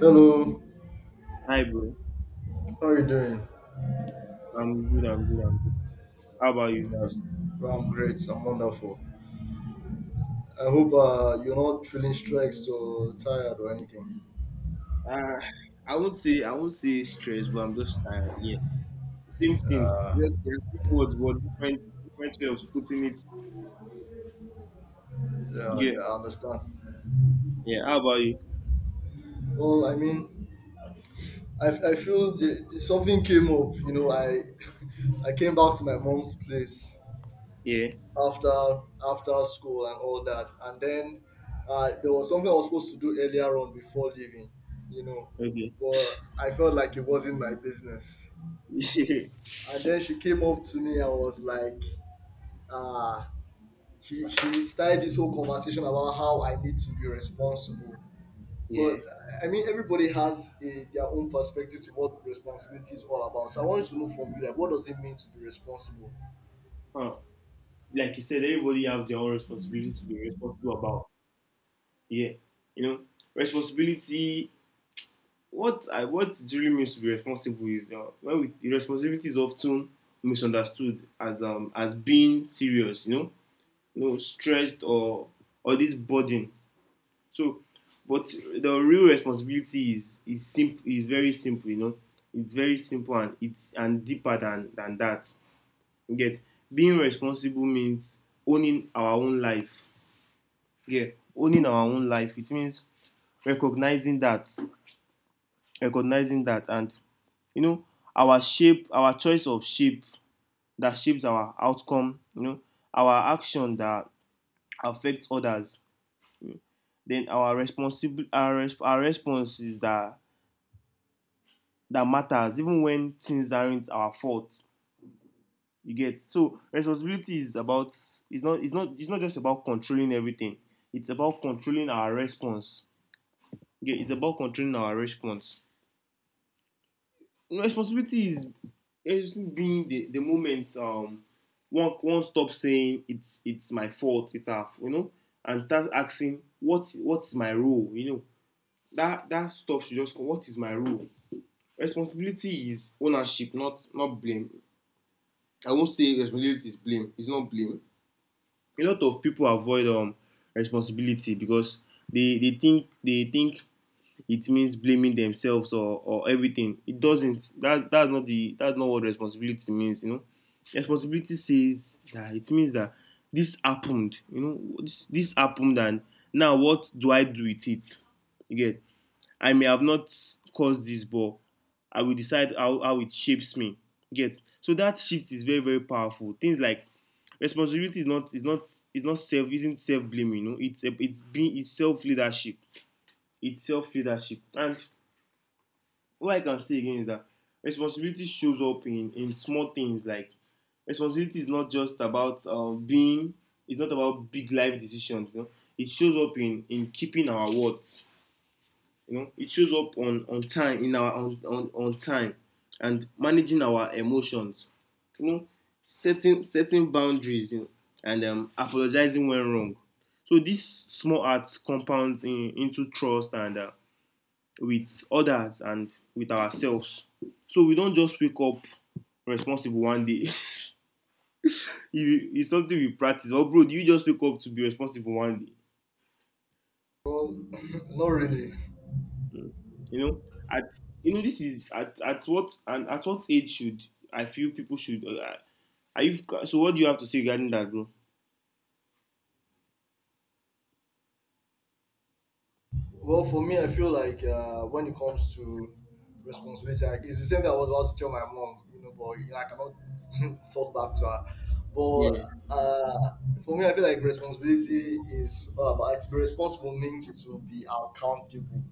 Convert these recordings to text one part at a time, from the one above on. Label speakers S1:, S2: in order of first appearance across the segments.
S1: Hello,
S2: Hi, bro.
S1: how are you doing?
S2: I'm good. How about you?
S1: Yes, well, I'm great. I'm wonderful. I hope you're not feeling stressed or tired or anything.
S2: Uh, I won't say stress, but I'm just tired. Yeah, same thing.
S1: Uh,
S2: Just the same words, but different way of putting it.
S1: yeah,
S2: Yeah.
S1: yeah, I understand.
S2: Yeah. How about you?
S1: Well, I mean, I feel something came up. I I came back to my mom's place
S2: Yeah.
S1: after after school and all that, and then there was something I was supposed to do earlier on before leaving. You know,
S2: Okay.
S1: but I felt like it wasn't my business. And then she came up to me and was like, uh, she started this whole conversation about how I need to be responsible.
S2: yeah.
S1: But I mean, everybody has their own perspective to what responsibility is all about. So I wanted to know from you, like, what does it mean to be responsible?
S2: Huh. Like you said, everybody have their own responsibility to be responsible about. Yeah. You know, responsibility. What it really means to be responsible is when we, the responsibility is often misunderstood as being serious. Stressed or this burden. So, but the real responsibility is simple is very simple. It's very simple and it's and deeper than that. You get, being responsible means owning our own life. Yeah, owning our own life. It means recognizing that, recognizing that, and you know, our choice of shape that shapes our outcome. You know, our action that affects others, then our response is that matters even when things aren't our fault. You get, so responsibility is about, it's not just about controlling everything, it's about controlling our response. You get, it's about controlling our response. Responsibility is being the moment, one stop saying it's my fault, it's our you know and start asking what's my role, you know. That stuff should just come. What is my role? Responsibility is ownership, not blame. I won't say responsibility is blame. It's not blame. A lot of people avoid responsibility because they think it means blaming themselves or everything. It doesn't. That's not what responsibility means. You know, responsibility says that, it means that this happened, you know, this happened and now what do I do with it? You get, I may have not caused this, but I will decide how it shapes me. Get, so that shift is very, very powerful. Things like responsibility is not self, isn't self blame. You know, it's self leadership. It's self leadership. And what I can say again is that responsibility shows up in small things, like responsibility is not just about being. It's not about big life decisions. You know, it shows up in keeping our words, you know, it shows up on time and managing our emotions. You know, setting boundaries, you know, and apologizing when wrong. So these small acts compounds into trust and with others and with ourselves. So we don't just wake up responsible one day. It's something we practice. Oh, bro, do you just wake up to be responsible one day?
S1: Well, not really.
S2: You know, at you know this is at what, and at what age should I feel people should, are you so what do you have to say regarding that, bro?
S1: Well, for me, I feel like when it comes to responsibility, like, it's the same thing I was about to tell my mom, you know, but you know, I cannot talk back to her. But uh, for me, I feel like responsibility is all about like, to be responsible means to be accountable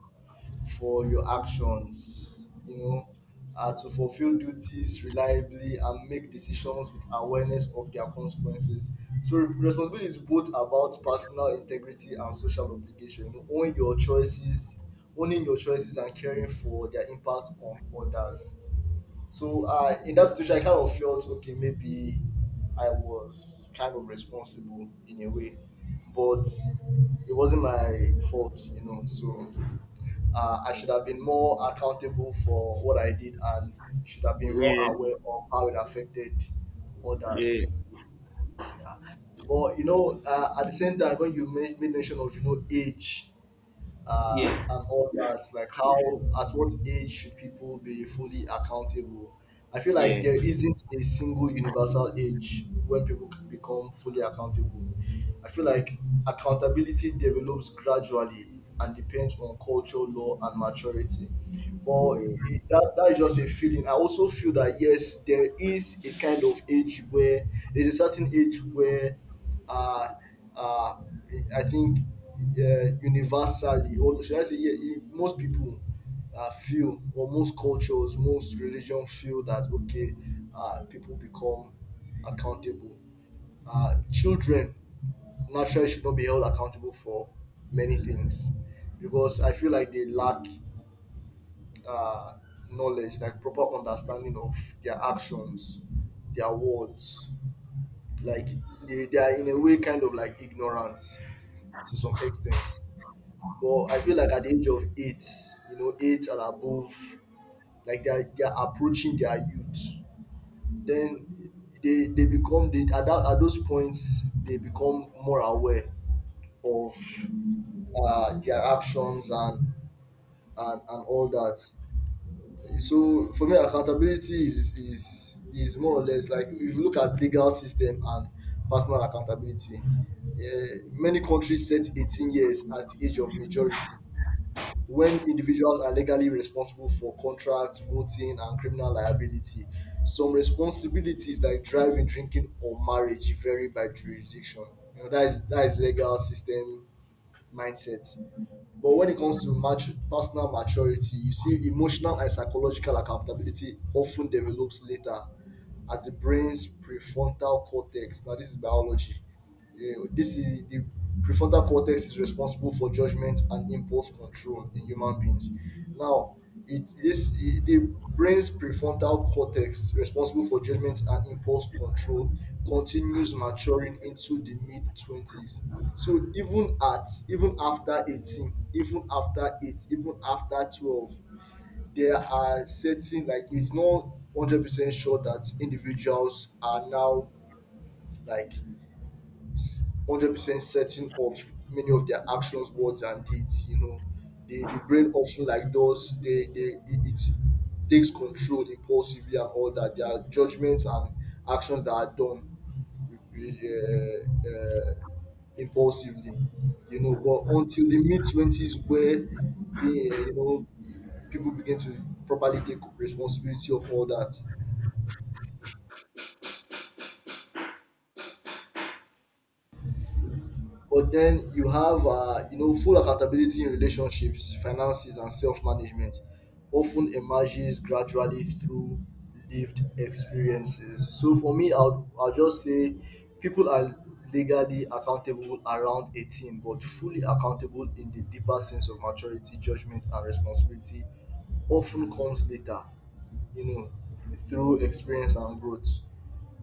S1: for your actions, you know, to fulfill duties reliably and make decisions with awareness of their consequences. So responsibility is both about personal integrity and social obligation. You know, own your choices, owning your choices and caring for their impact on others. So in that situation, I kind of felt okay, maybe I was kind of responsible in a way, but it wasn't my fault, you know. So I should have been more accountable for what I did and should have been more
S2: Yeah,
S1: aware of how it affected
S2: yeah,
S1: others. Yeah. But you know, at the same time, when you made mention of you know age,
S2: Yeah,
S1: and all that. Like how, at what age should people be fully accountable? I feel like
S2: yeah.
S1: there isn't a single universal age when people can become fully accountable. I feel like accountability develops gradually and depends on culture, law, and maturity. But that is just a feeling. I also feel that yes, there is a kind of age where there's a certain age where uh, uh, I think universally, or should I say, yeah, yeah, most people feel, or most cultures, most religion feel that okay, people become accountable. Children naturally should not be held accountable for many things because I feel like they lack uh, knowledge, like proper understanding of their actions, their words, like they are in a way kind of like ignorant to some extent. But I feel like at the age of eight, you know, eight and above, like they are approaching their youth. Then they become they, at, that, at those points they become more aware of their actions, and all that. So for me, accountability is is more or less like if you look at legal system and personal accountability. Many countries set 18 years as the age of majority when individuals are legally responsible for contract, voting, and criminal liability. Some responsibilities like driving, drinking, or marriage vary by jurisdiction. You know, that is legal system mindset. But when it comes to personal maturity, you see emotional and psychological accountability often develops later as the brain's prefrontal cortex. Now, this is biology. Yeah, this is the prefrontal cortex is responsible for judgment and impulse control in human beings. Now, the brain's prefrontal cortex responsible for judgment and impulse control continues maturing into the mid twenties. So even after 18, even after eight, even after 12, there are certain like it's not 100% sure that individuals are now like 100% certain of many of their actions, words, and deeds. You know, the brain often like does they it, it takes control impulsively and all that. Their judgments and actions that are done really, impulsively. You know, but until the mid twenties, where being you know people begin to properly take responsibility of all that. But then you have you know full accountability in relationships, finances, and self-management often emerges gradually through lived experiences. So for me I'll just say people are legally accountable around 18, but fully accountable in the deeper sense of maturity, judgment, and responsibility often comes later, you know, through experience and growth.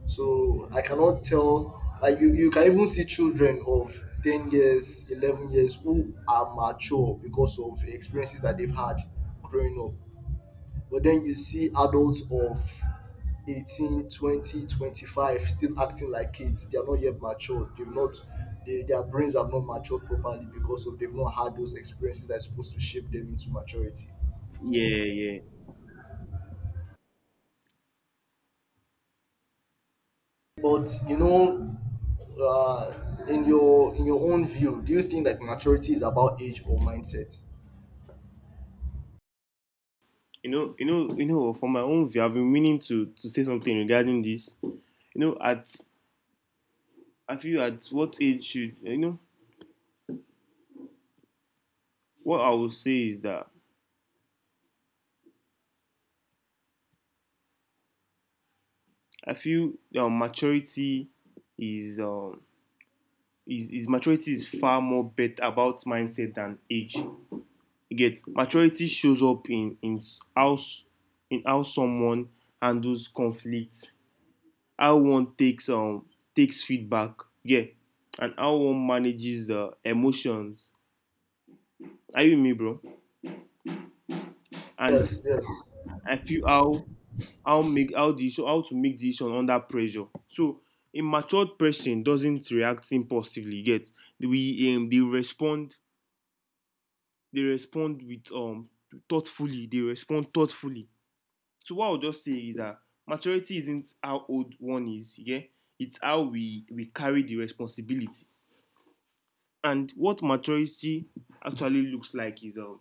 S1: So I cannot tell. Like you can even see children of 10 years, 11 years who are mature because of experiences that they've had growing up. But then you see adults of 18, 20, 25 still acting like kids. They are not yet matured. They've not they, their brains have not matured properly because of they've not had those experiences that's supposed to shape them into maturity.
S2: Yeah.
S1: But you know, in your own view, do you think that maturity is about age or mindset?
S2: You know. From my own view, I've been meaning to say something regarding this. You know, at I feel, at what age should, you know, what I will say is that I feel maturity is um is maturity is far more bet about mindset than age. You get, maturity shows up in how, in how someone handles conflict, how one takes takes feedback, yeah, and how one manages the emotions. Are you with me, bro? And
S1: Yes, yes,
S2: I feel, how make how the issue how to make decision under pressure. So a matured person doesn't react impulsively, yet we they respond with thoughtfully, they respond thoughtfully. So what I'll just say is that maturity isn't how old one is, yeah. It's how we carry the responsibility. And what maturity actually looks like is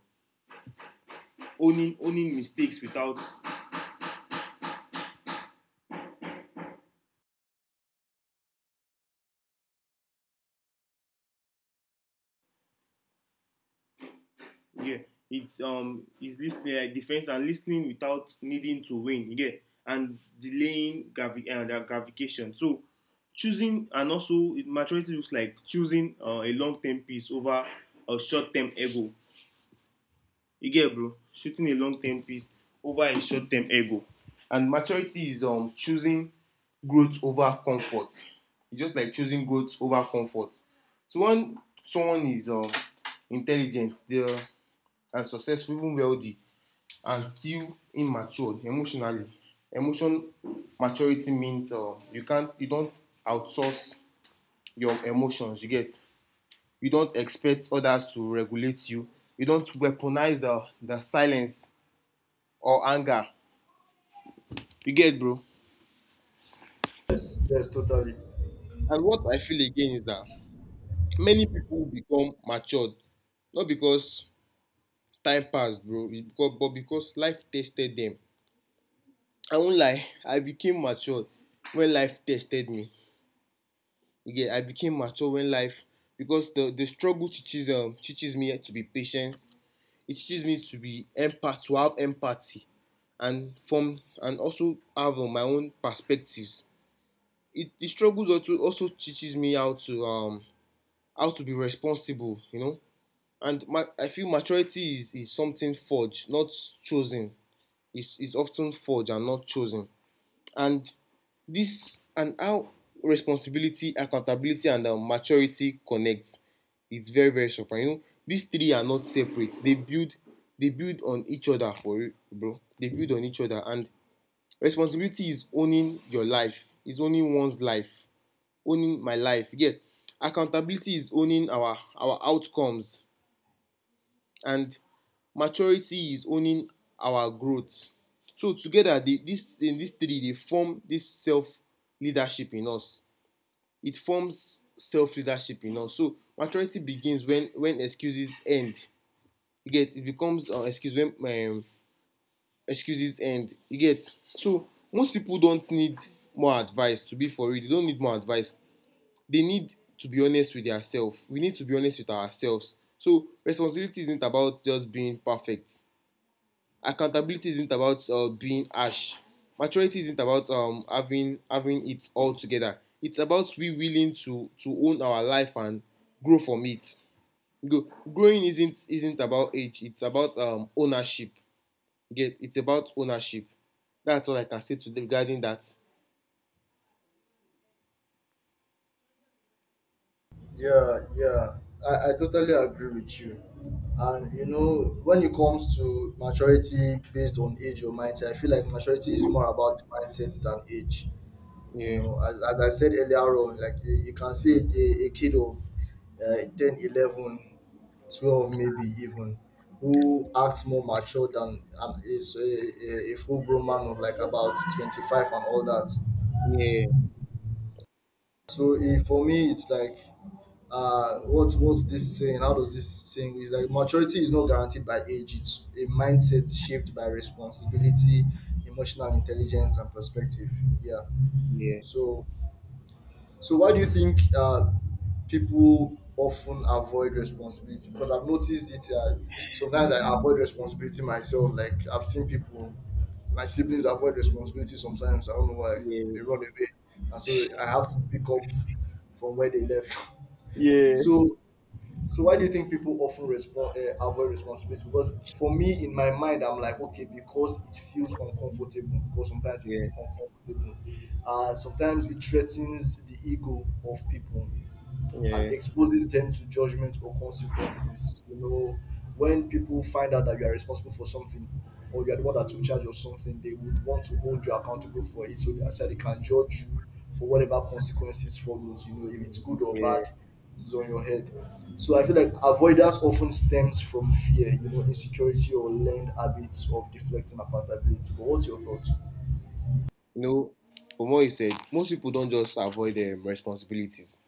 S2: owning mistakes without, yeah. It's is listening like defense and listening without needing to win, yeah. And delaying the gratification. So choosing, and also maturity looks like choosing a long-term peace over a short-term ego. You get it, bro, shooting a long term piece over a short term ego. And maturity is choosing growth over comfort. It's just like choosing growth over comfort. So when someone is intelligent, they're and successful, even wealthy, and still immature emotionally. Emotion maturity means, you can't, you don't outsource your emotions, you get. You don't expect others to regulate you. You don't weaponize the silence or anger. You get, bro?
S1: yes, yes, totally.
S2: And what I feel again is that many people become matured not because time passed, bro, but because life tested them. I won't lie, I became matured when life tested me. Yeah, I became mature when life, because the struggle teaches teaches me to be patient. It teaches me to be empath to have empathy, and from and also have my own perspectives. It the struggles also also teaches me how to be responsible, you know. And I feel maturity is something forged, not chosen. It's often forged and not chosen. And this and how responsibility, accountability, and maturity connect. It's very, very surprising. You know, these three are not separate. They build on each other for real, bro. They build on each other. And responsibility is owning your life, is owning one's life, owning my life, you get. Accountability is owning our outcomes, and maturity is owning our growth. So together they, this in these three they form this self leadership in us. It forms self leadership in us. So maturity begins when excuses end. You get, it becomes, excuses end, you get. So most people don't need more advice, to be for real, they don't need more advice. They need to be honest with themselves. We need to be honest with ourselves. So responsibility isn't about just being perfect. Accountability isn't about, being harsh. Maturity isn't about, having it all together. It's about we willing to own our life and grow from it. Go, growing isn't about age. It's about, ownership. Get, it's about ownership. That's all I can say today regarding that.
S1: Yeah, yeah. I totally agree with you. And you know, when it comes to maturity based on age or mindset, I feel like maturity is more about mindset than age. You
S2: Yeah,
S1: know, as I said earlier on, like you can see a kid of 10, 11, 12, maybe even, who acts more mature than is a full grown man of like about 25 and all that.
S2: yeah,
S1: So for me, it's like, what's this saying? How does this saying is like maturity is not guaranteed by age. It's a mindset shaped by responsibility, emotional intelligence, and perspective. Yeah.
S2: yeah,
S1: So So why do you think people often avoid responsibility? Because I've noticed it. Sometimes I avoid responsibility myself. Like I've seen people, my siblings avoid responsibility sometimes. I don't know why
S2: yeah,
S1: they run away, and so I have to pick up from where they left.
S2: yeah,
S1: So so why do you think people often respond avoid responsibility? Because for me, in my mind, I'm like, okay, because it feels uncomfortable. Because sometimes it's
S2: yeah,
S1: uncomfortable. Sometimes it threatens the ego of people and
S2: yeah.
S1: exposes them to judgment or consequences. You know, when people find out that you are responsible for something or you are the one that took charge of something, they would want to hold you accountable for it so that so they can judge you for whatever consequences follows. You know, if it's good or bad, it's on your head. So I feel like avoidance often stems from fear, you know, insecurity or learned habits of deflecting accountability. But what's your thoughts?
S2: No, from what you said, most people don't just avoid responsibilities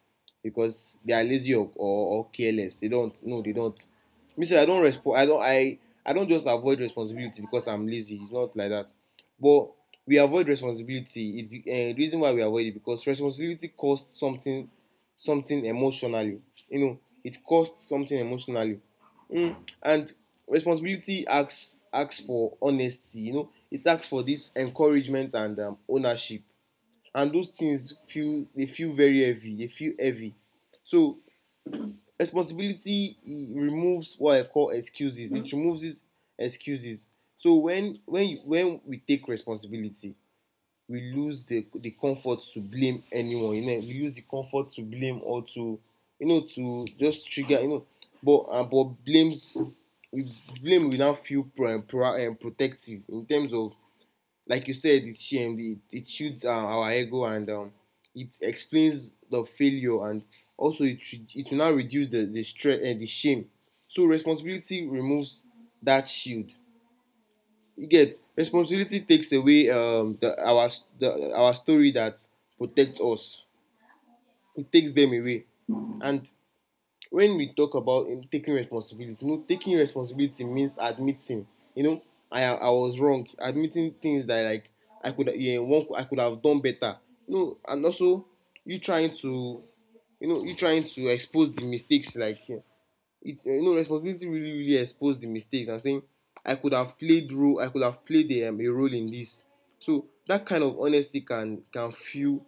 S2: because they are lazy, or, or careless. They don't. No, they don't. Me say I don't respond. I don't. I don't just avoid responsibility because I'm lazy. It's not like that. But we avoid responsibility. The reason why we avoid it, because responsibility costs something, something emotionally. You know, it costs something emotionally. Mm. And responsibility asks for honesty. You know, it asks for this encouragement and, ownership. And those things feel, they feel very heavy. They feel heavy. So responsibility removes what I call excuses. Mm. It removes these excuses. So when we take responsibility, we lose the comfort to blame anyone, you know, we use the comfort to blame or to, you know, to just trigger, you know. But blames, we we now feel protective in terms of, like you said, it's shame, it shoots, our ego, and it explains the failure, and also it will now reduce the stress and the shame. So responsibility removes that shield. You get, responsibility takes away, our story that protects us, it takes them away. And when we talk about, taking responsibility, you know, taking responsibility means admitting, you know, I was wrong, admitting things that, like, I could, yeah, one, I could have done better, you know. And also you trying to, you know, you trying to expose the mistakes, like, yeah, it's, you know, responsibility really exposed the mistakes and saying I could have played role, I could have played a role in this. So that kind of honesty can feel,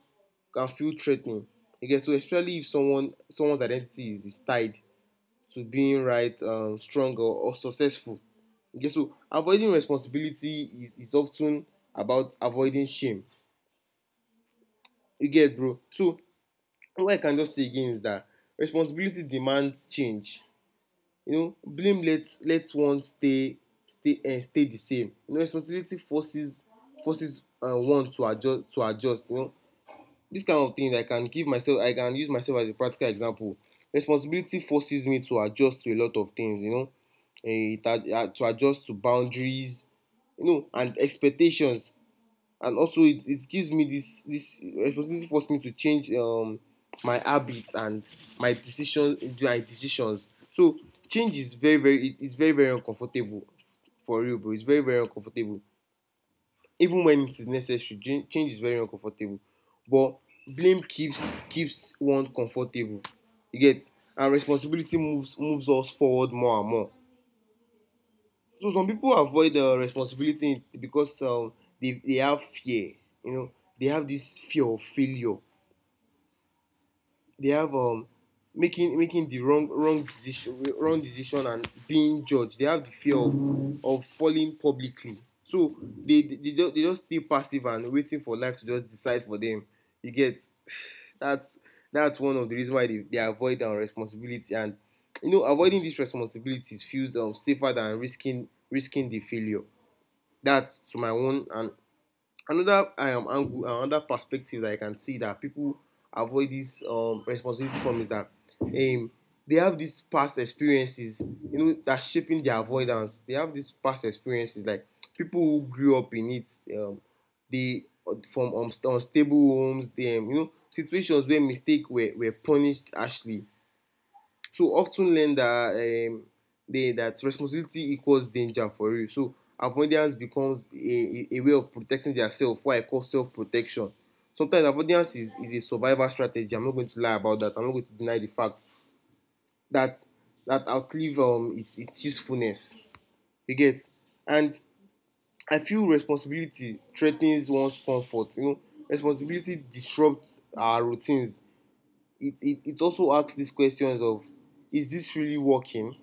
S2: can feel threatening. You get, so especially if someone's identity is tied to being right, strong or successful. You get, so avoiding responsibility is often about avoiding shame. You get, bro. So what I can just say again is that responsibility demands change. Blame let let one stay stay di same. Responsibility forces one to adjust, to adjust. Dis kind of thing, I can give myself, I can use myself as a practical example. Responsibility forces me to adjust to a lot of things, you know, to adjust to boundaries, you know, and expectations. And also it gives me this. Responsibility forced me to change my habits and my decisions. So change is very very, it's very very uncomfortable for real, bro. It's very very uncomfortable even when it is necessary. Change is very uncomfortable, but blame keeps one comfortable. You get? And responsibility moves us forward more and more. So some people avoid responsibility because they have fear. You know, they have this fear of failure. They have making the wrong decision and being judged. They have the fear of falling publicly. So they just stay passive and waiting for life to just decide for them. You get? that's that's one of the reasons why they avoid responsibility. And you know, avoiding these responsibilities feels safer than risking the failure that to my own. And another angle, another perspective that I can see that people avoid this responsibility from is that um, they have these past experiences, you know, that shaping their avoidance. They have these past experiences, like people who grew up in it, they from unstable homes, them, you know, situations where mistakes were punished harshly, so of ten learn that um they that responsibility equals danger for real. So avoidance becomes a way of protecting themselves, what I call self-protection. Sometimes avoidance is a survival strategy. I'm not going to lie about that. I'm not going to deny the fact that that outlive its usefulness. You get? And I feel responsibility threatens one's comfort. You know, responsibility disrupts our routines. It also asks these questions of, is this really working?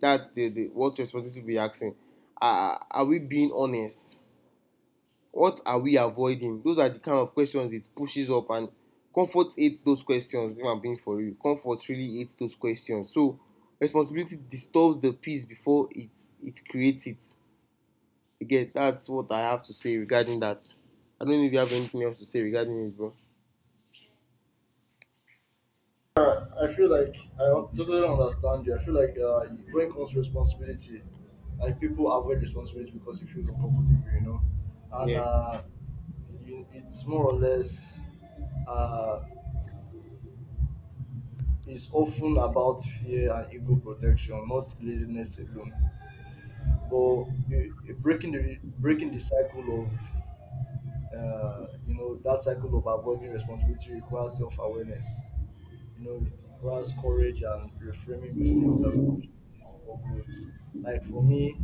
S2: That's the what responsibility will be asking. Are we being honest? What are we avoiding? Those are the kind of questions it pushes up. And comfort hates those questions. If I'm being for you, comfort really hates those questions. So responsibility disturbs the peace before it, it creates it. Again, that's what I have to say regarding that. I don't know if you have anything else to say regarding it, bro.
S1: I feel like I totally understand you. I feel like when it comes to responsibility, like people avoid responsibility because it feels uncomfortable, you know, and
S2: Yeah.
S1: it's more or less uh, it's often about fear and ego protection, not laziness alone. But you breaking the cycle of you know that cycle of avoiding responsibility requires self awareness. You know, it requires courage and reframing mistakes as opportunities for growth. Like for me,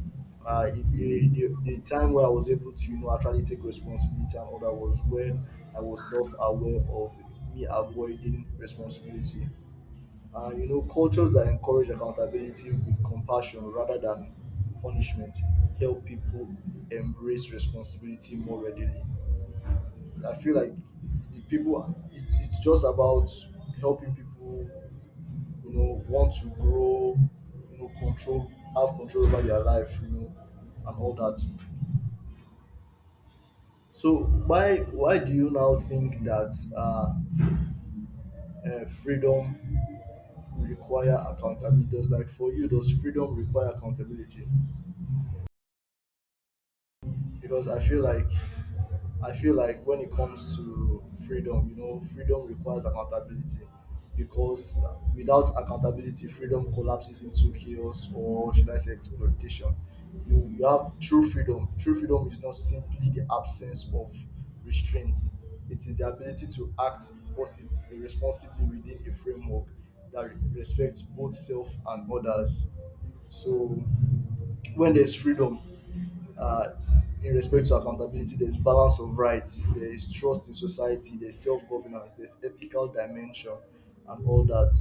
S1: the time where I was able to, you know, actually take responsibility and all that was when I was self-aware of me avoiding responsibility. You know, cultures that encourage accountability with compassion rather than punishment help people embrace responsibility more readily. I feel like the people, it's just about helping people, you know, want to grow, you know, control, have control over their life, you know, and all that. So why do you now think that freedom require accountability? Does like for you, does freedom require accountability? Because I feel like when it comes to freedom, you know, freedom requires accountability because without accountability, freedom collapses into chaos, or should I say exploitation. You have true freedom. True freedom is not simply the absence of restraint, it is the ability to act possibly, responsibly within a framework that respects both self and others. So when there's freedom uh, in respect to accountability, there's balance of rights, there is trust in society, there's self governance, there's ethical dimension, and all that.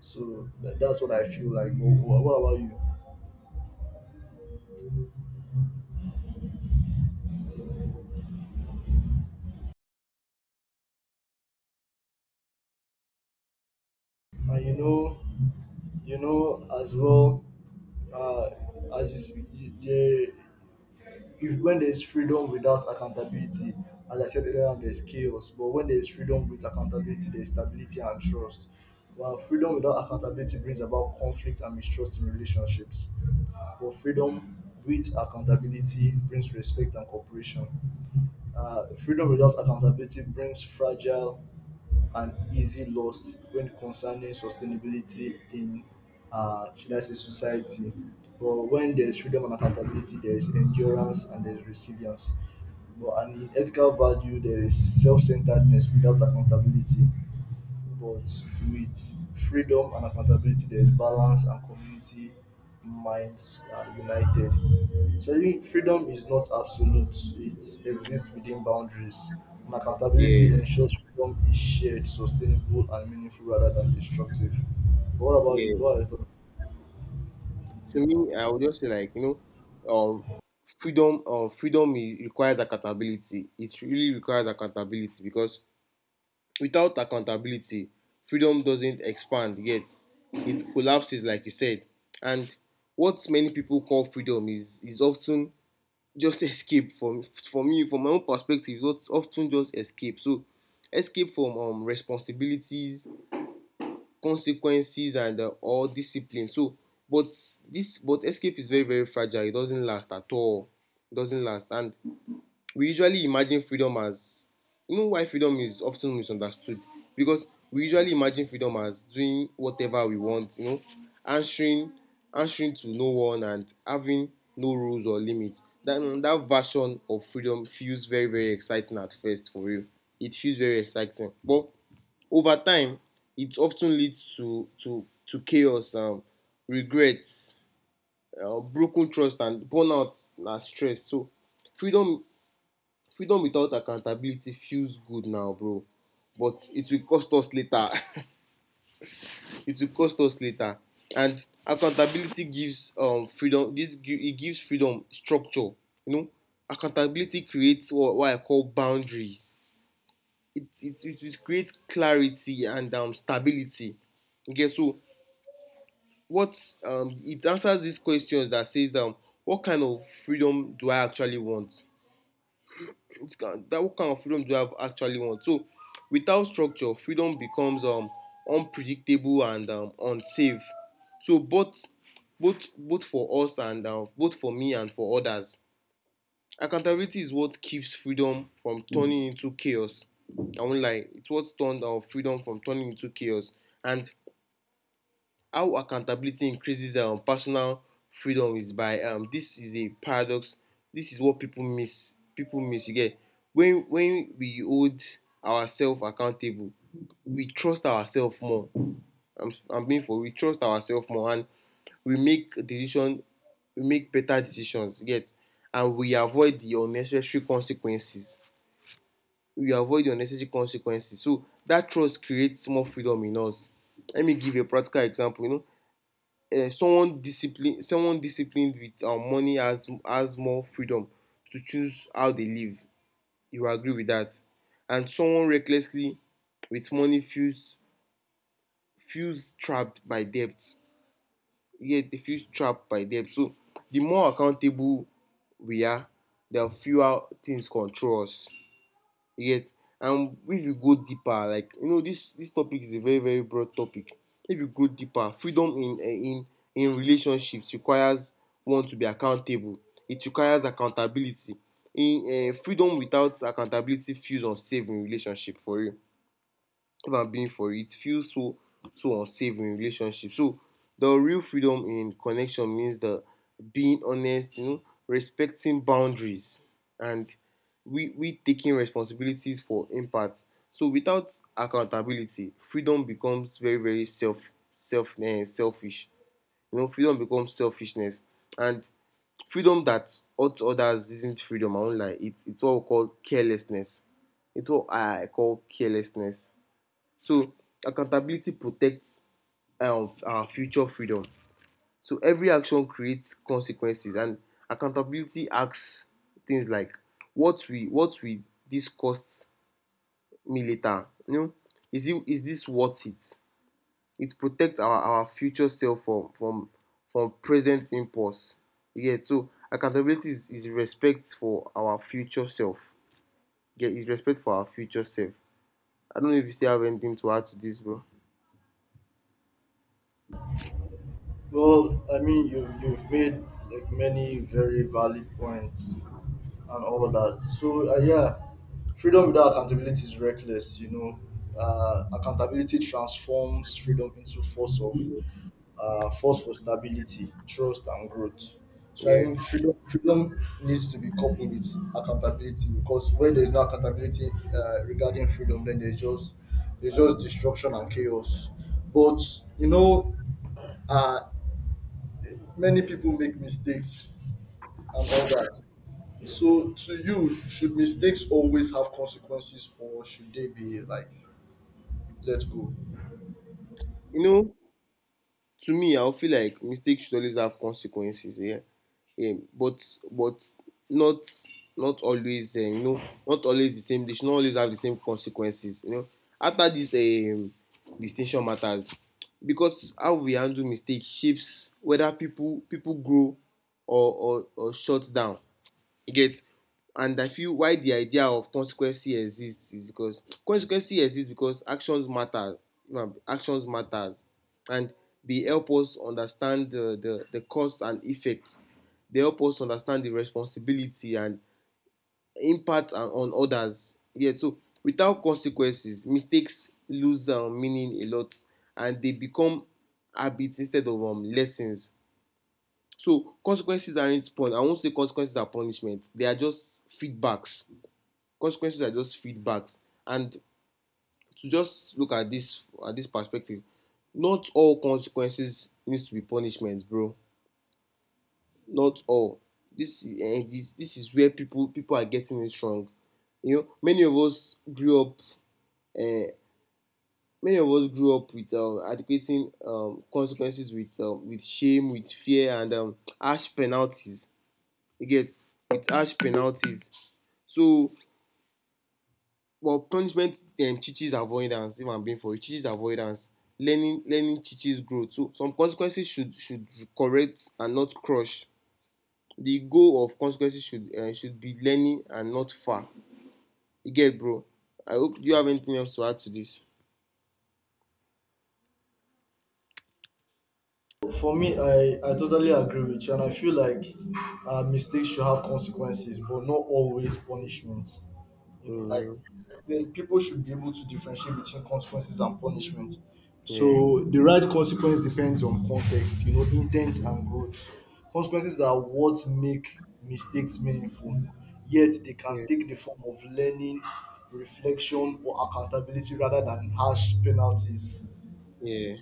S1: So tha- that's what I feel like. Wh- wh- What about you? And you know as well uh, as you, s- you, if when there is freedom without accountability, as I said earlier on, there is chaos, but when there is freedom with accountability there is stability and trust, while freedom without accountability brings about conflict and mistrust in relationships, but freedom with accountability brings respect and cooperation. Freedom without accountability brings fragile and easy lost when concerning sustainability in, should I say, society. But when there's freedom and accountability, there is endurance and there's resilience. But and in ethical value, there is self-centeredness without accountability but with freedom and accountability, there is balance and community minds are united. So I think freedom is not absolute; it exists within boundaries. And
S2: Yeah.
S1: accountability ensures freedom is shared, sustainable, and meaningful rather than destructive. What about you?
S2: Yeah.
S1: What are your thoughts?
S2: To me, I would just say, like, you know, freedom. Freedom requires accountability. It really requires accountability because without accountability, freedom doesn't expand yet. It collapses, like you said. And what many people call freedom is often just escape from, for me, from my own perspective. It's often just escape. So escape from responsibilities, consequences, and or discipline. So but this but escape is very very fragile. It doesn't last at all. It doesn't last. And we usually imagine freedom as, you know, why freedom is often misunderstood, because we usually imagine freedom as doing whatever we want, you know, answering answering to no one and having no rules or limits. That version of freedom feels very very exciting at first, for real. It feels very exciting. But over time, it often leads to chaos, regrets, broken trust, and burnout, na stress. So freedom, freedom without accountability feels good now, bro, but it will cost us later. It will cost us later. And accountability gives freedom. This, it gives freedom structure. You know, accountability creates what I call boundaries. It creates clarity and stability. Okay, so what it answers these questions that says, what kind of freedom do I actually want? That What kind of freedom do I actually want? So without structure, freedom becomes unpredictable and unsafe. So both, both for us and both for me and for others. Accountability is what keeps freedom from turning into chaos. I won't lie, it's what turned our freedom from turning into chaos. And how accountability increases personal freedom is by, this is a paradox. This is what people miss. People miss. You get? When we hold ourselves accountable, we trust ourselves more. I'm being for we trust ourselves more. And we make decision we make better decisions. You get? And we avoid the unnecessary consequences. We avoid the unnecessary consequences. So that trust creates more freedom in us. Let me give a practical example. You know, someone disciplined with money has more freedom to choose how they live. You agree with that? And someone recklessly with money feels trapped by debt. Yeah, they feel trapped by debt. So the more accountable we are, the fewer things control us. You get? And if you go deeper, like, you know, this topic is a very very broad topic. If you go deeper, freedom in in relationships requires one to be accountable. It requires accountability in freedom. Without accountability feels unsafe in relationship, for real. If I'm being for it, feels so so unsafe in relationship. So the real freedom in connection means the being honest, you know, respecting boundaries, and we taking responsibilities for impacts. So without accountability, freedom becomes very, very selfish. You know, freedom becomes selfishness. And freedom that hurts others isn't freedom, I won't lie. It's what we call carelessness. It's what I call carelessness. So accountability protects our future freedom. So every action creates consequences, and accountability asks things like, what will this cost me later? You know, is this worth it? It protects our future self from from present impulse. Yeah. So accountability is respect for our future self. Yeah, is respect for our future self. I don't know if you still have anything to add to this, bro.
S1: Well, I mean, you've made many very valid points and all of that. So yeah, freedom without accountability is reckless. You know, accountability transforms freedom into force of force for stability, trust, and growth. So I
S2: Yeah.
S1: think freedom needs to be coupled with accountability because where there is no accountability regarding freedom, then there's just destruction and chaos. But you know, uh, many people make mistakes and all that. So, to you, should mistakes always have consequences or should they be, like, let go?
S2: You know, to me, I would feel like mistakes should always have consequences. Yeah, yeah. But not, not always. You know, not always the same. They should not always have the same consequences. You know, after this distinction matters because how we handle mistakes shapes whether people grow or shut down. You get? And I feel why the idea of consequences exists is because consequences exist because actions matter. Actions matters, and they help us understand the cause and effect. They help us understand the responsibility and impact on others. Yeah. So without consequences, mistakes lose meaning a lot, and they become habits instead of lessons. So consequences aren't pun. I won't say consequences are punishment. They are just feedbacks. Consequences are just feedbacks. And to just look at this perspective, not all consequences needs to be punishment, bro. Not all. This and this is where people are getting it wrong. You know, many of us grew up. Many of us grew up with adequating consequences with shame, with fear, and harsh penalties. You get? With harsh penalties. So, well, punishment teaches avoidance. If I'm being for it, teaches avoidance. Learning, learning teaches growth. So some consequences should correct and not crush. The goal of consequences should be learning and not far. You get, bro? I hope. Do you have anything else to add to this?
S1: For me, I totally agree with you, and I feel like mistakes should have consequences, but not always punishments. You know, like
S2: Mm,
S1: the people should be able to differentiate between consequences and punishment.
S2: yeah,
S1: So the right consequence depends on context, you know, intent and growth. Consequences are what make mistakes meaningful, yet they can
S2: yeah,
S1: take the form of learning, reflection, or accountability rather than harsh penalties.
S2: yeah.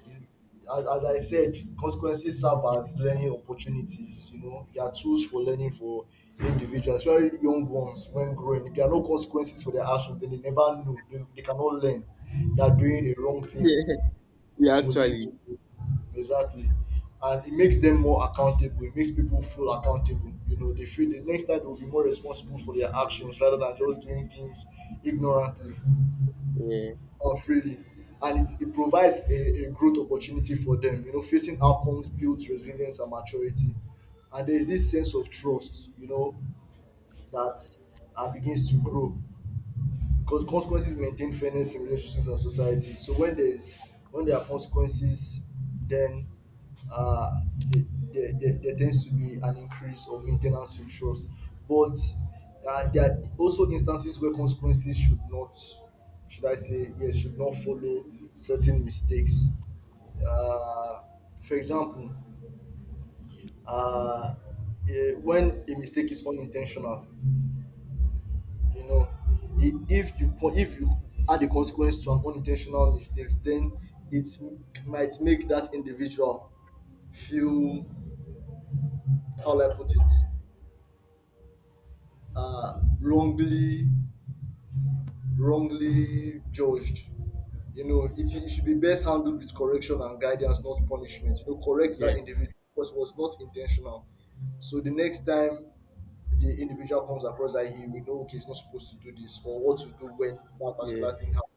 S1: As I said, consequences serve as learning opportunities. You know, they are tools for learning for individuals, especially young ones when growing. If there are no consequences for their actions, then they never know. They cannot learn that doing a wrong thing
S2: Yeah, yeah.
S1: will lead
S2: Actually,
S1: to exactly. And it makes them more accountable. It makes people feel accountable. You know, they feel the next time they will be more responsible for their actions rather than just doing things ignorantly.
S2: yeah,
S1: Freely and it provides a growth opportunity for them, you know, facing outcomes builds resilience and maturity, and there is this sense of trust, you know, that begins to grow. Cause consequences maintain fairness in relationships and society. So when there are consequences, then uh, there, there tends to be an increase of maintenance in trust. But there are also instances where consequences should not, should I say, yes, should not follow certain mistakes. Uh, for example, uh, when a mistake is unintentional, you know, if you add a consequence to an unintentional mistakes, then might make that individual feel, how will I put it, uh wrongly wrongly judged, you know. It should be best handled with correction and guidance, not punishment. You know, correct
S2: yeah,
S1: that individual because it was not intentional, so the next time the individual comes across that, he will know, okay, he's not supposed to do this or what to do when that
S2: yeah,
S1: particular thing happens.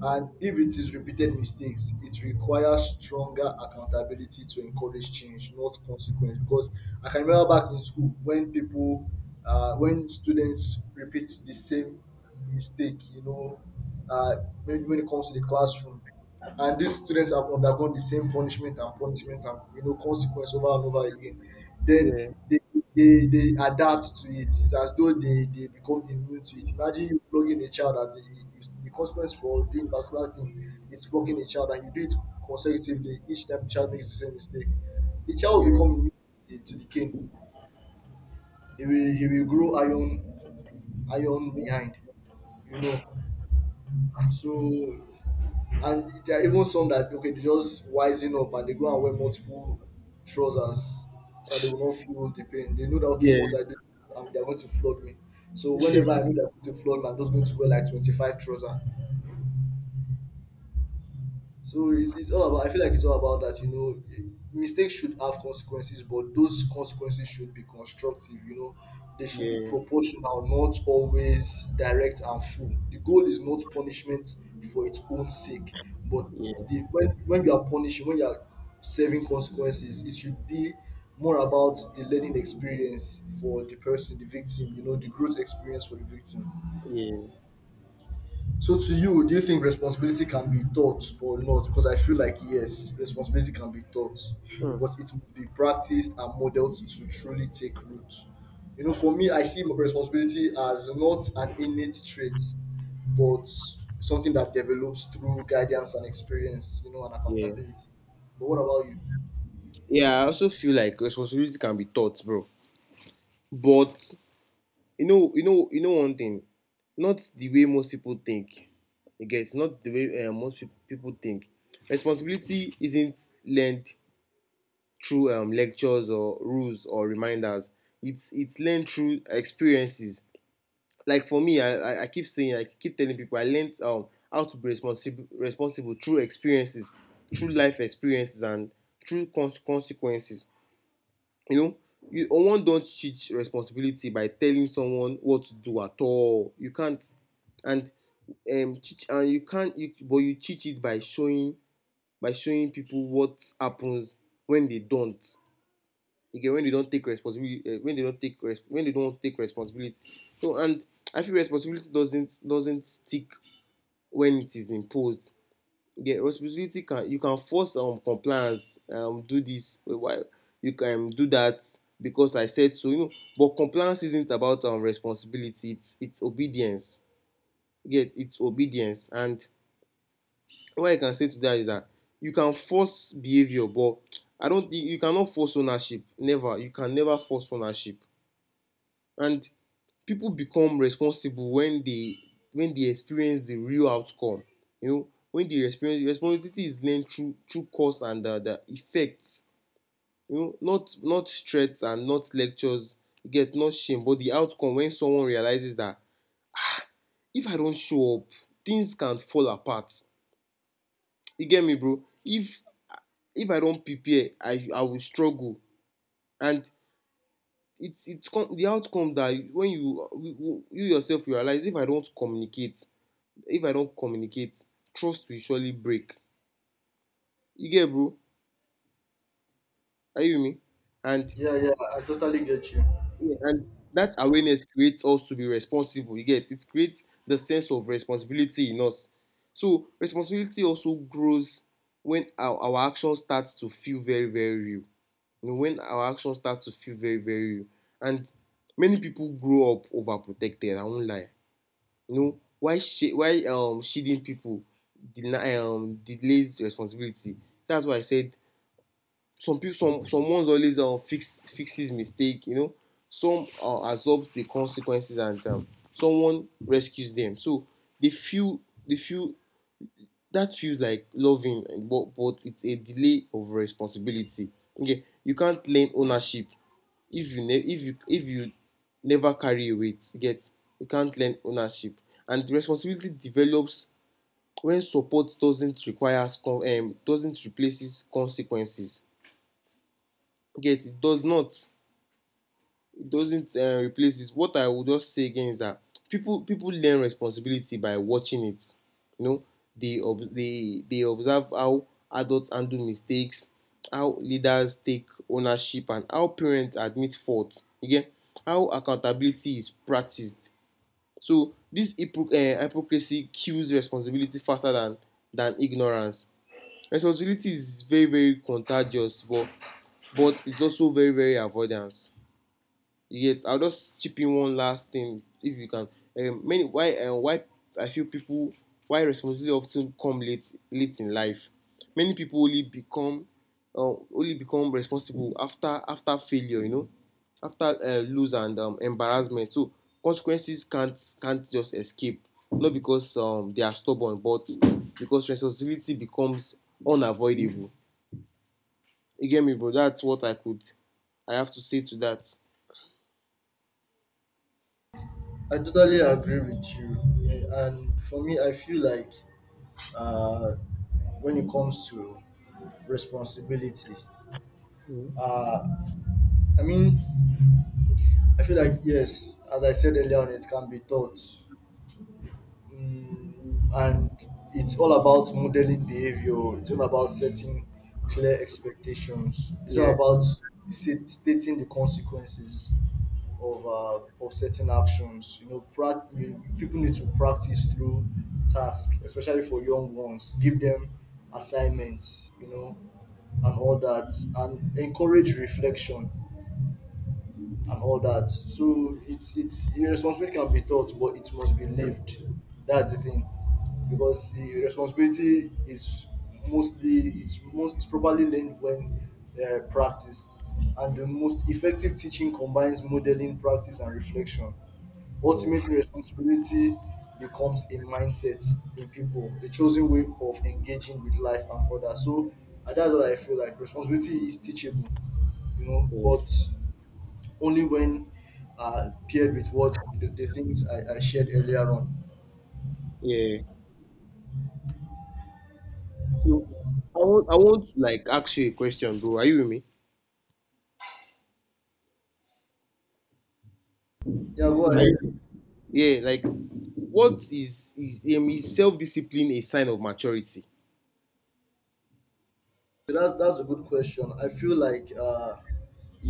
S1: And if it is repeated mistakes, it requires stronger accountability to encourage change, not consequence. Because I can remember back in school when people, when students repeat the same mistake, you know, uh, when it comes to the classroom, and these students have undergone the same punishment and punishment and, you know, consequence over and over again, then
S2: yeah,
S1: they adapt to it. It's as though they become immune to it. Imagine you flogging a child as a, you, the consequence for doing vascular thing is flogging a child, and you do it consecutively each time the child makes the same mistake. The child will
S2: yeah,
S1: become immune to to the cane. He will grow iron behind, you know. So and there are even some that, okay, they just wising up and they go and wear multiple trousers so that they will not feel the pain. They know that, okay,
S2: yeah.
S1: once I do this, they are going to flood me. So whenever I know they are going to flood me, I'm just going to wear like 25 trousers. So it's all about, I feel like it's all about that, you know, mistakes should have consequences, but those consequences should be constructive, you know, they should be
S2: Yeah,
S1: proportional, not always direct and full. The goal is not punishment for its own sake, but
S2: yeah,
S1: the, when you are punishing, when you are serving consequences, it should be more about the learning experience for the person, the victim, you know, the growth experience for the victim.
S2: yeah.
S1: So to you, do you think responsibility can be taught or not? Because I feel like, yes, responsibility can be taught,
S2: Mm,
S1: but it must be practiced and modeled to truly take root. You know, for me, I see responsibility as not an innate trait, but something that develops through guidance and experience, you know, and
S2: yeah,
S1: accountability. But what about you?
S2: yeah. I also feel like responsibility can be taught, bro. But you know, you know, you know one thing, not the way most people think. You get? Not the way most people think. Responsibility isn't learned through lectures or rules or reminders. It's learned through experiences. Like for me, I keep saying, I keep telling people, I learned how to be responsible through experiences, through life experiences, and through consequences. you know you one don't teach responsibility by telling someone what to do at all. You can't. And teach and you can't you, but you teach it by showing, by showing people what happens when they don't. Again, when they don't take responsibility, when they don't take res- when they don't take responsibility. So and I feel responsibility doesn't stick when it is imposed. Yeah, responsibility can, you can force compliance. Do this, why, you can do that because I said so, you know. But compliance isn't about responsibility, it's obedience. Yet it's obedience. And what I can say to that is that you can force behavior, but I don't think you cannot force ownership. Never, you can never force ownership. And people become responsible when they, when they experience the real outcome, you know, when they experience. Responsibility is learned through, through cause and the effects. You know, not, not threats and not lectures. You get, not shame but the outcome. When someone realizes that if I don show up, things can fall apart. You get me, bro? If I don prepare, I will struggle. And it's come the outcome that when you yourself realize, if I don't communicate, if I don communicate, trust will surely break. You get, bro? Are you with me? And
S1: Yeah, yeah, I totally get you.
S2: yeah, and that awareness creates us to be responsible. You get? It creates the sense of responsibility in us. So responsibility also grows when our action starts to feel very, very real. You know, when our action starts to feel very, very real. And many people grow up overprotected, I won't lie. You know, why sh- why shielding people deny delays responsibility. That's why I said some people, someone's always fixes mistake, you know. Some absorbs the consequences, and someone rescues them. So they feel, they feel that feels like loving, but it's a delay of responsibility. Okay, you can't learn ownership if you ne- if you never carry a weight. You get, you can't learn ownership. And responsibility develops when support doesn't replaces consequences. Get, it does not, it doesn't replace it. What I would just say again is that people learn responsibility by watching it. You know, they ob- they observe how adults handle mistakes, how leaders take ownership, and how parents admit fault. Again, how accountability is practiced. So hypocrisy kills responsibility faster than ignorance. Responsibility is very, very contagious, but it's also very, very avoidance. Yet I'll just chip in one last thing, if you can. Many why and why I feel people, why responsibility often come late, late in life. Many people only become, only become responsible after, after failure, you know, after lose and embarrassment. So consequences can't just escape, not because they are stubborn, but because responsibility becomes unavoidable. You get me, bro? That's what I could, I have to say to that.
S1: I totally agree with you. Yeah, and for me, I feel like uh, when it comes to responsibility. Uh, I mean, I feel like, yes, as I said earlier on, it can be taught. Mm, and it's all about modeling behavior. It's all about setting clear expectations. It's
S2: Yeah,
S1: all about stating the consequences of uh, of certain actions. You know, people need to practice through tasks, especially for young ones. Give them assignments, you know, and all that, and encourage reflection and all that. So it's responsibility can be taught, but it must be lived. That's the thing, because the responsibility is mostly it's most it's probably learned when practiced, and the most effective teaching combines modeling, practice, and reflection.
S2: yeah,
S1: Ultimately, responsibility becomes a mindset in people, a chosen way of engaging with life and others. So and that's what I feel like. Responsibility is teachable, you know,
S2: yeah.
S1: but only when paired with what the things I shared earlier on.
S2: Yeah. So I want, I want to like ask you a question, bro. Are you with me?
S1: Yeah, go
S2: Are
S1: ahead.
S2: you? Yeah, like what is, is self-discipline a sign of maturity?
S1: So that's a good question. I feel like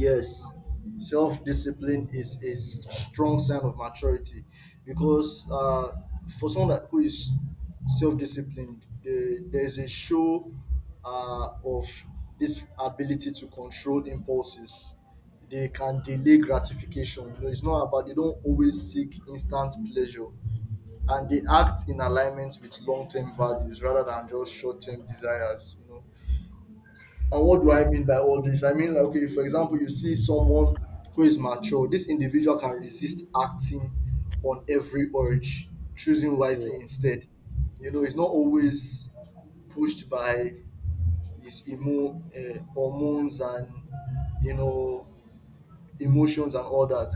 S1: yes, self discipline is a strong sign of maturity, because for someone that, who is self disciplined, there's a show of this ability to control impulses. They can delay gratification. You know, it's not about they don't always seek instant pleasure, and they act in alignment with long term values rather than just short term desires. You know, and what do I mean by all this? I mean, like, okay, for example, you see someone who is mature, this individual can resist acting on every urge, choosing
S2: Yeah.
S1: wisely instead. You know, it's not always pushed by his hormones and, you know, emotions and all that.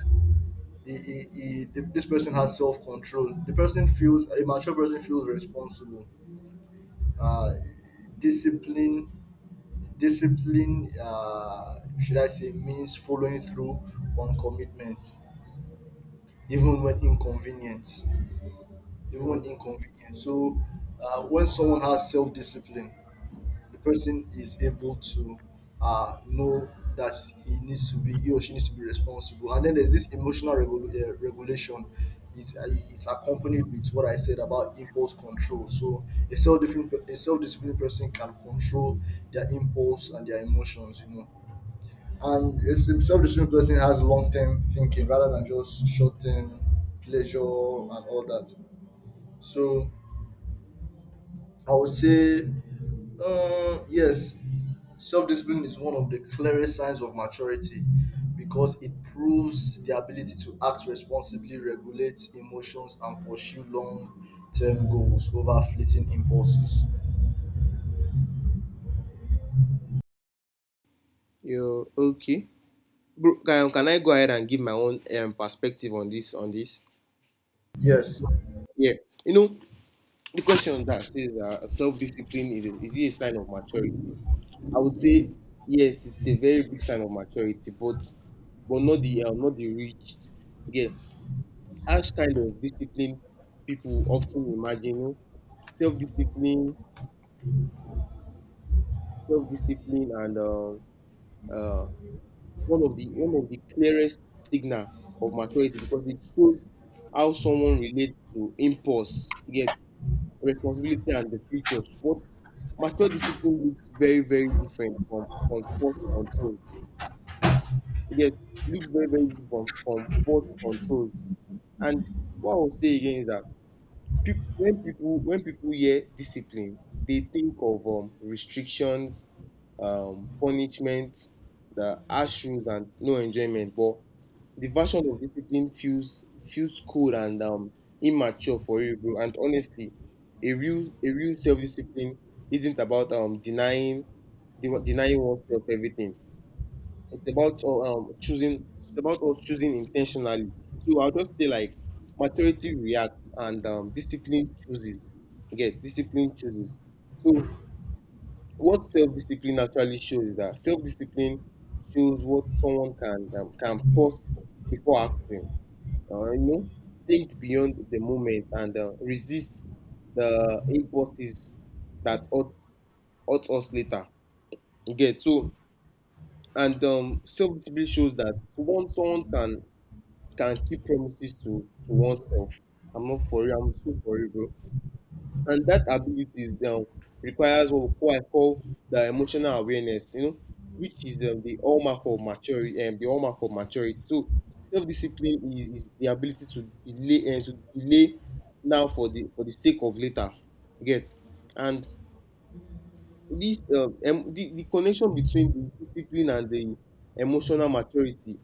S1: This person has self control. The person feels, a mature person feels responsible. Uh, discipline Discipline, should I say, means following through on commitment, even when inconvenient. Even when inconvenient. So, when someone has self discipline, the person is able to know that he needs to be, he or she needs to be responsible. And then there's this regulation. It's accompanied with what I said about impulse control. So, a self disciplined person can control their impulse and their emotions, you know, and it's self discipline person has long-term thinking rather than just short-term pleasure and all that. So I would say, yes, self-discipline is one of the clearest signs of maturity because it proves the ability to act responsibly, regulate emotions, and pursue long-term goals over fleeting impulses.
S2: You okay. Bro, can I go ahead and give my own perspective on this, on this?
S1: Yes.
S2: Yeah. You know, the question that says self-discipline is a, is it a sign of maturity? I would say yes, it's a very big sign of maturity, but not the not the rich. Yeah, harsh kind of discipline people often imagine. You know? Self-discipline, self-discipline, and uh, one of the clearest signal of maturity, because it shows how someone relates to impulse, yet responsibility and the future. But mature discipline looks very, very different from forced control. Yet looks very, very different from forced control. And what I will say again is that when people, when people hear discipline, they think of restrictions, punishment, the harsh rules, and no enjoyment. But the version of discipline feels cold and immature for you, bro. And honestly, a real self discipline isn't about denying, denying oneself everything. It's about choosing. It's about us choosing intentionally. So I'll just say like maturity reacts and discipline chooses. Get, discipline chooses. So what self discipline actually shows is that self discipline shows what someone can pause before acting. You know, think beyond the moment and resist the impulses that ought, ought us later. You get, so. And self discipline shows that one someone can keep promises to oneself. I'm not for you. I'm so for you, bro. And that ability is requires what, what I call the emotional awareness. You know, which is the hallmark of maturity. The hallmark of maturity. So self discipline is the ability to delay and to delay now for the, for the sake of later. You get. And the connection between the discipline and the emotional maturity,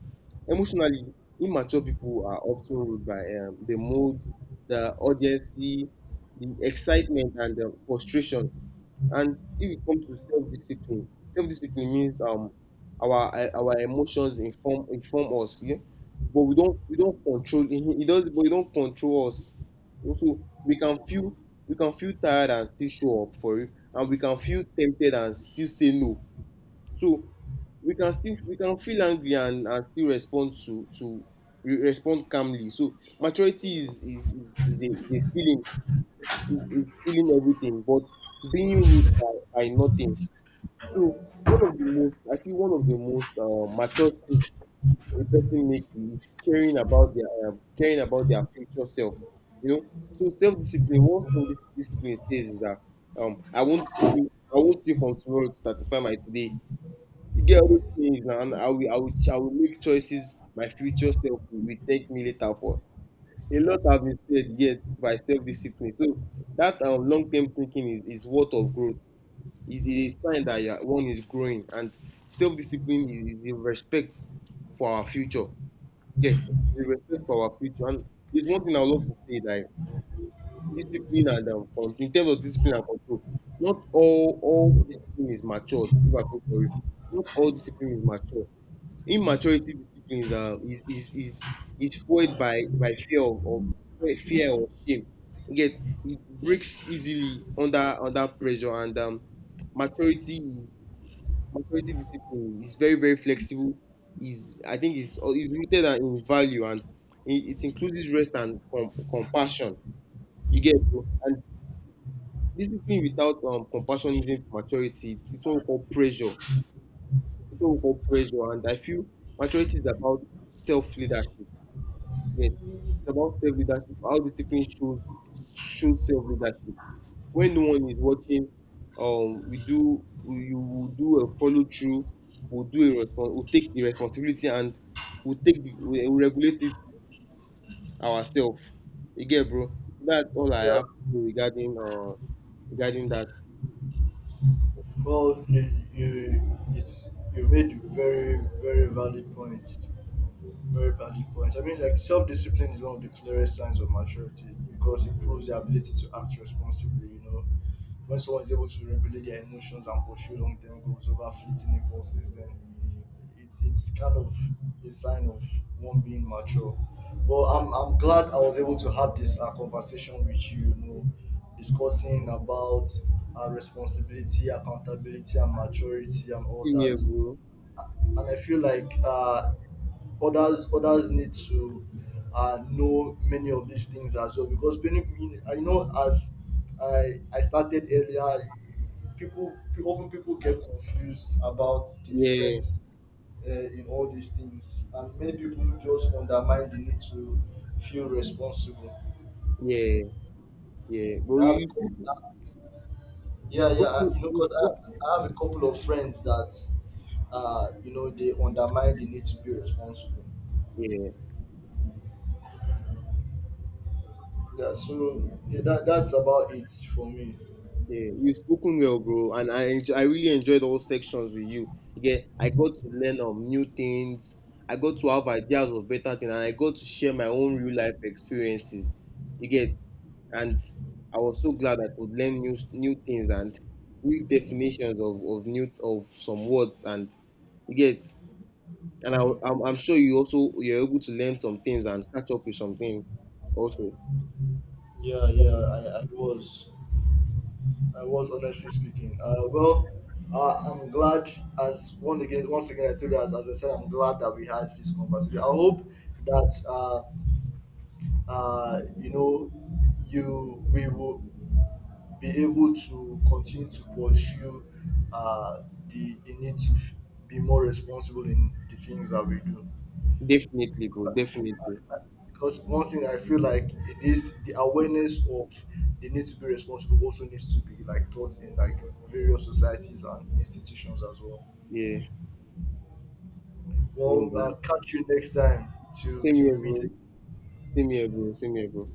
S2: emotionally immature people are often ruled by the mood, the urgency, the excitement, and the frustration. And if you come to self-discipline, self-discipline means our our emotions inform, inform us, yeah. But we don't, we don't control it does, but we don't control us. Also, we can feel, we can feel tired and still show up for it, and we can feel tempted and still say no. So we can still, we can feel angry and still respond to respond calmly. So maturity is, is a feeling, is feeling everything but being ruled by nothing. So one of the most, I feel one of the most mature shifts a person make is caring about their future self. You know, so self discipline. What self discipline says is that I won't steal, I won't steal from tomorrow to satisfy my today. You get all those things now, and I will, I will, I will make choices my future self will thank me later for. A lot have been said yet by self-discipline. So that long-term thinking is worth of growth. Is a sign that you are, one is growing, and self-discipline is the respect for our future. Yeah, the respect for our future. And there's one thing I would love to say, that discipline and in terms of discipline and control, not all discipline is matured. If I put for you, not all discipline is matured. Immaturity disciplines are is fueled by fear of fear or shame. You get, it breaks easily under, under pressure. And maturity is, maturity discipline is very, very flexible. Is, I think is rooted in value, and it includes rest and compassion. You get, bro? And discipline without compassion isn't maturity. It's what we call pressure. People will put pressure, and I feel maturity is about self leadership. Yes, it's about self leadership. How discipline shows, shows self leadership. When no one is watching, we do, we you will do a follow through. We'll do a response. We'll take the responsibility and we'll take the, we'll regulate it ourselves. You get, bro. That's all I
S1: Yeah.
S2: have to say regarding regarding that.
S1: Well, you made very very valid points. Very valid point. I mean, like self discipline is one of the clearest signs of maturity because it proves the ability to act responsibly. You know, when someone is able to regulate their emotions and pursue long term goals over fleeting impulses, then it's kind of a sign of one being mature. Well, I'm glad I was able to have this conversation with you. You know, discussing about responsibility, accountability, and maturity, and all
S2: See you,
S1: that,
S2: bro.
S1: and I feel like others need to know many of these things as well, because I know as I started earlier, often people get confused about the
S2: Yeah,
S1: difference in all these things, and many people just undermine the need to feel responsible.
S2: yeah, yeah. But
S1: I have a
S2: you,
S1: couple, yeah, yeah, you know,
S2: you
S1: because
S2: spoke.
S1: I have a couple of friends that, you know, they undermine the need to be responsible.
S2: Yeah,
S1: Yeah, so that that's about it for me.
S2: yeah, you've spoken well, bro, and I enjoy, I really enjoyed all sections with you. Yeah, I got to learn new things. I got to have ideas of better things, and I got to share my own real life experiences. You get, and I was so glad I could learn new things and new definitions of new of some words, and you get, and I,
S1: Mm.
S2: I'm sure you also, you're able to learn some things and catch up with some things, also.
S1: Yeah, yeah, I was honestly speaking. Well, I'm glad as one again, once again, I told you as I said, I'm glad that we had this conversation. I hope that you know, you we will be able to continue to pursue the need to be more responsible in the things that we do.
S2: Definitely, bro. Definitely.
S1: Because one thing I feel like it is the awareness of the need to be responsible also needs to be like taught in like various societies and institutions as well.
S2: Yeah.
S1: Well,
S2: Yeah.
S1: catch you next time
S2: Same
S1: to
S2: here,
S1: we
S2: bro.
S1: meet again.
S2: Same here, bro. Same here, bro.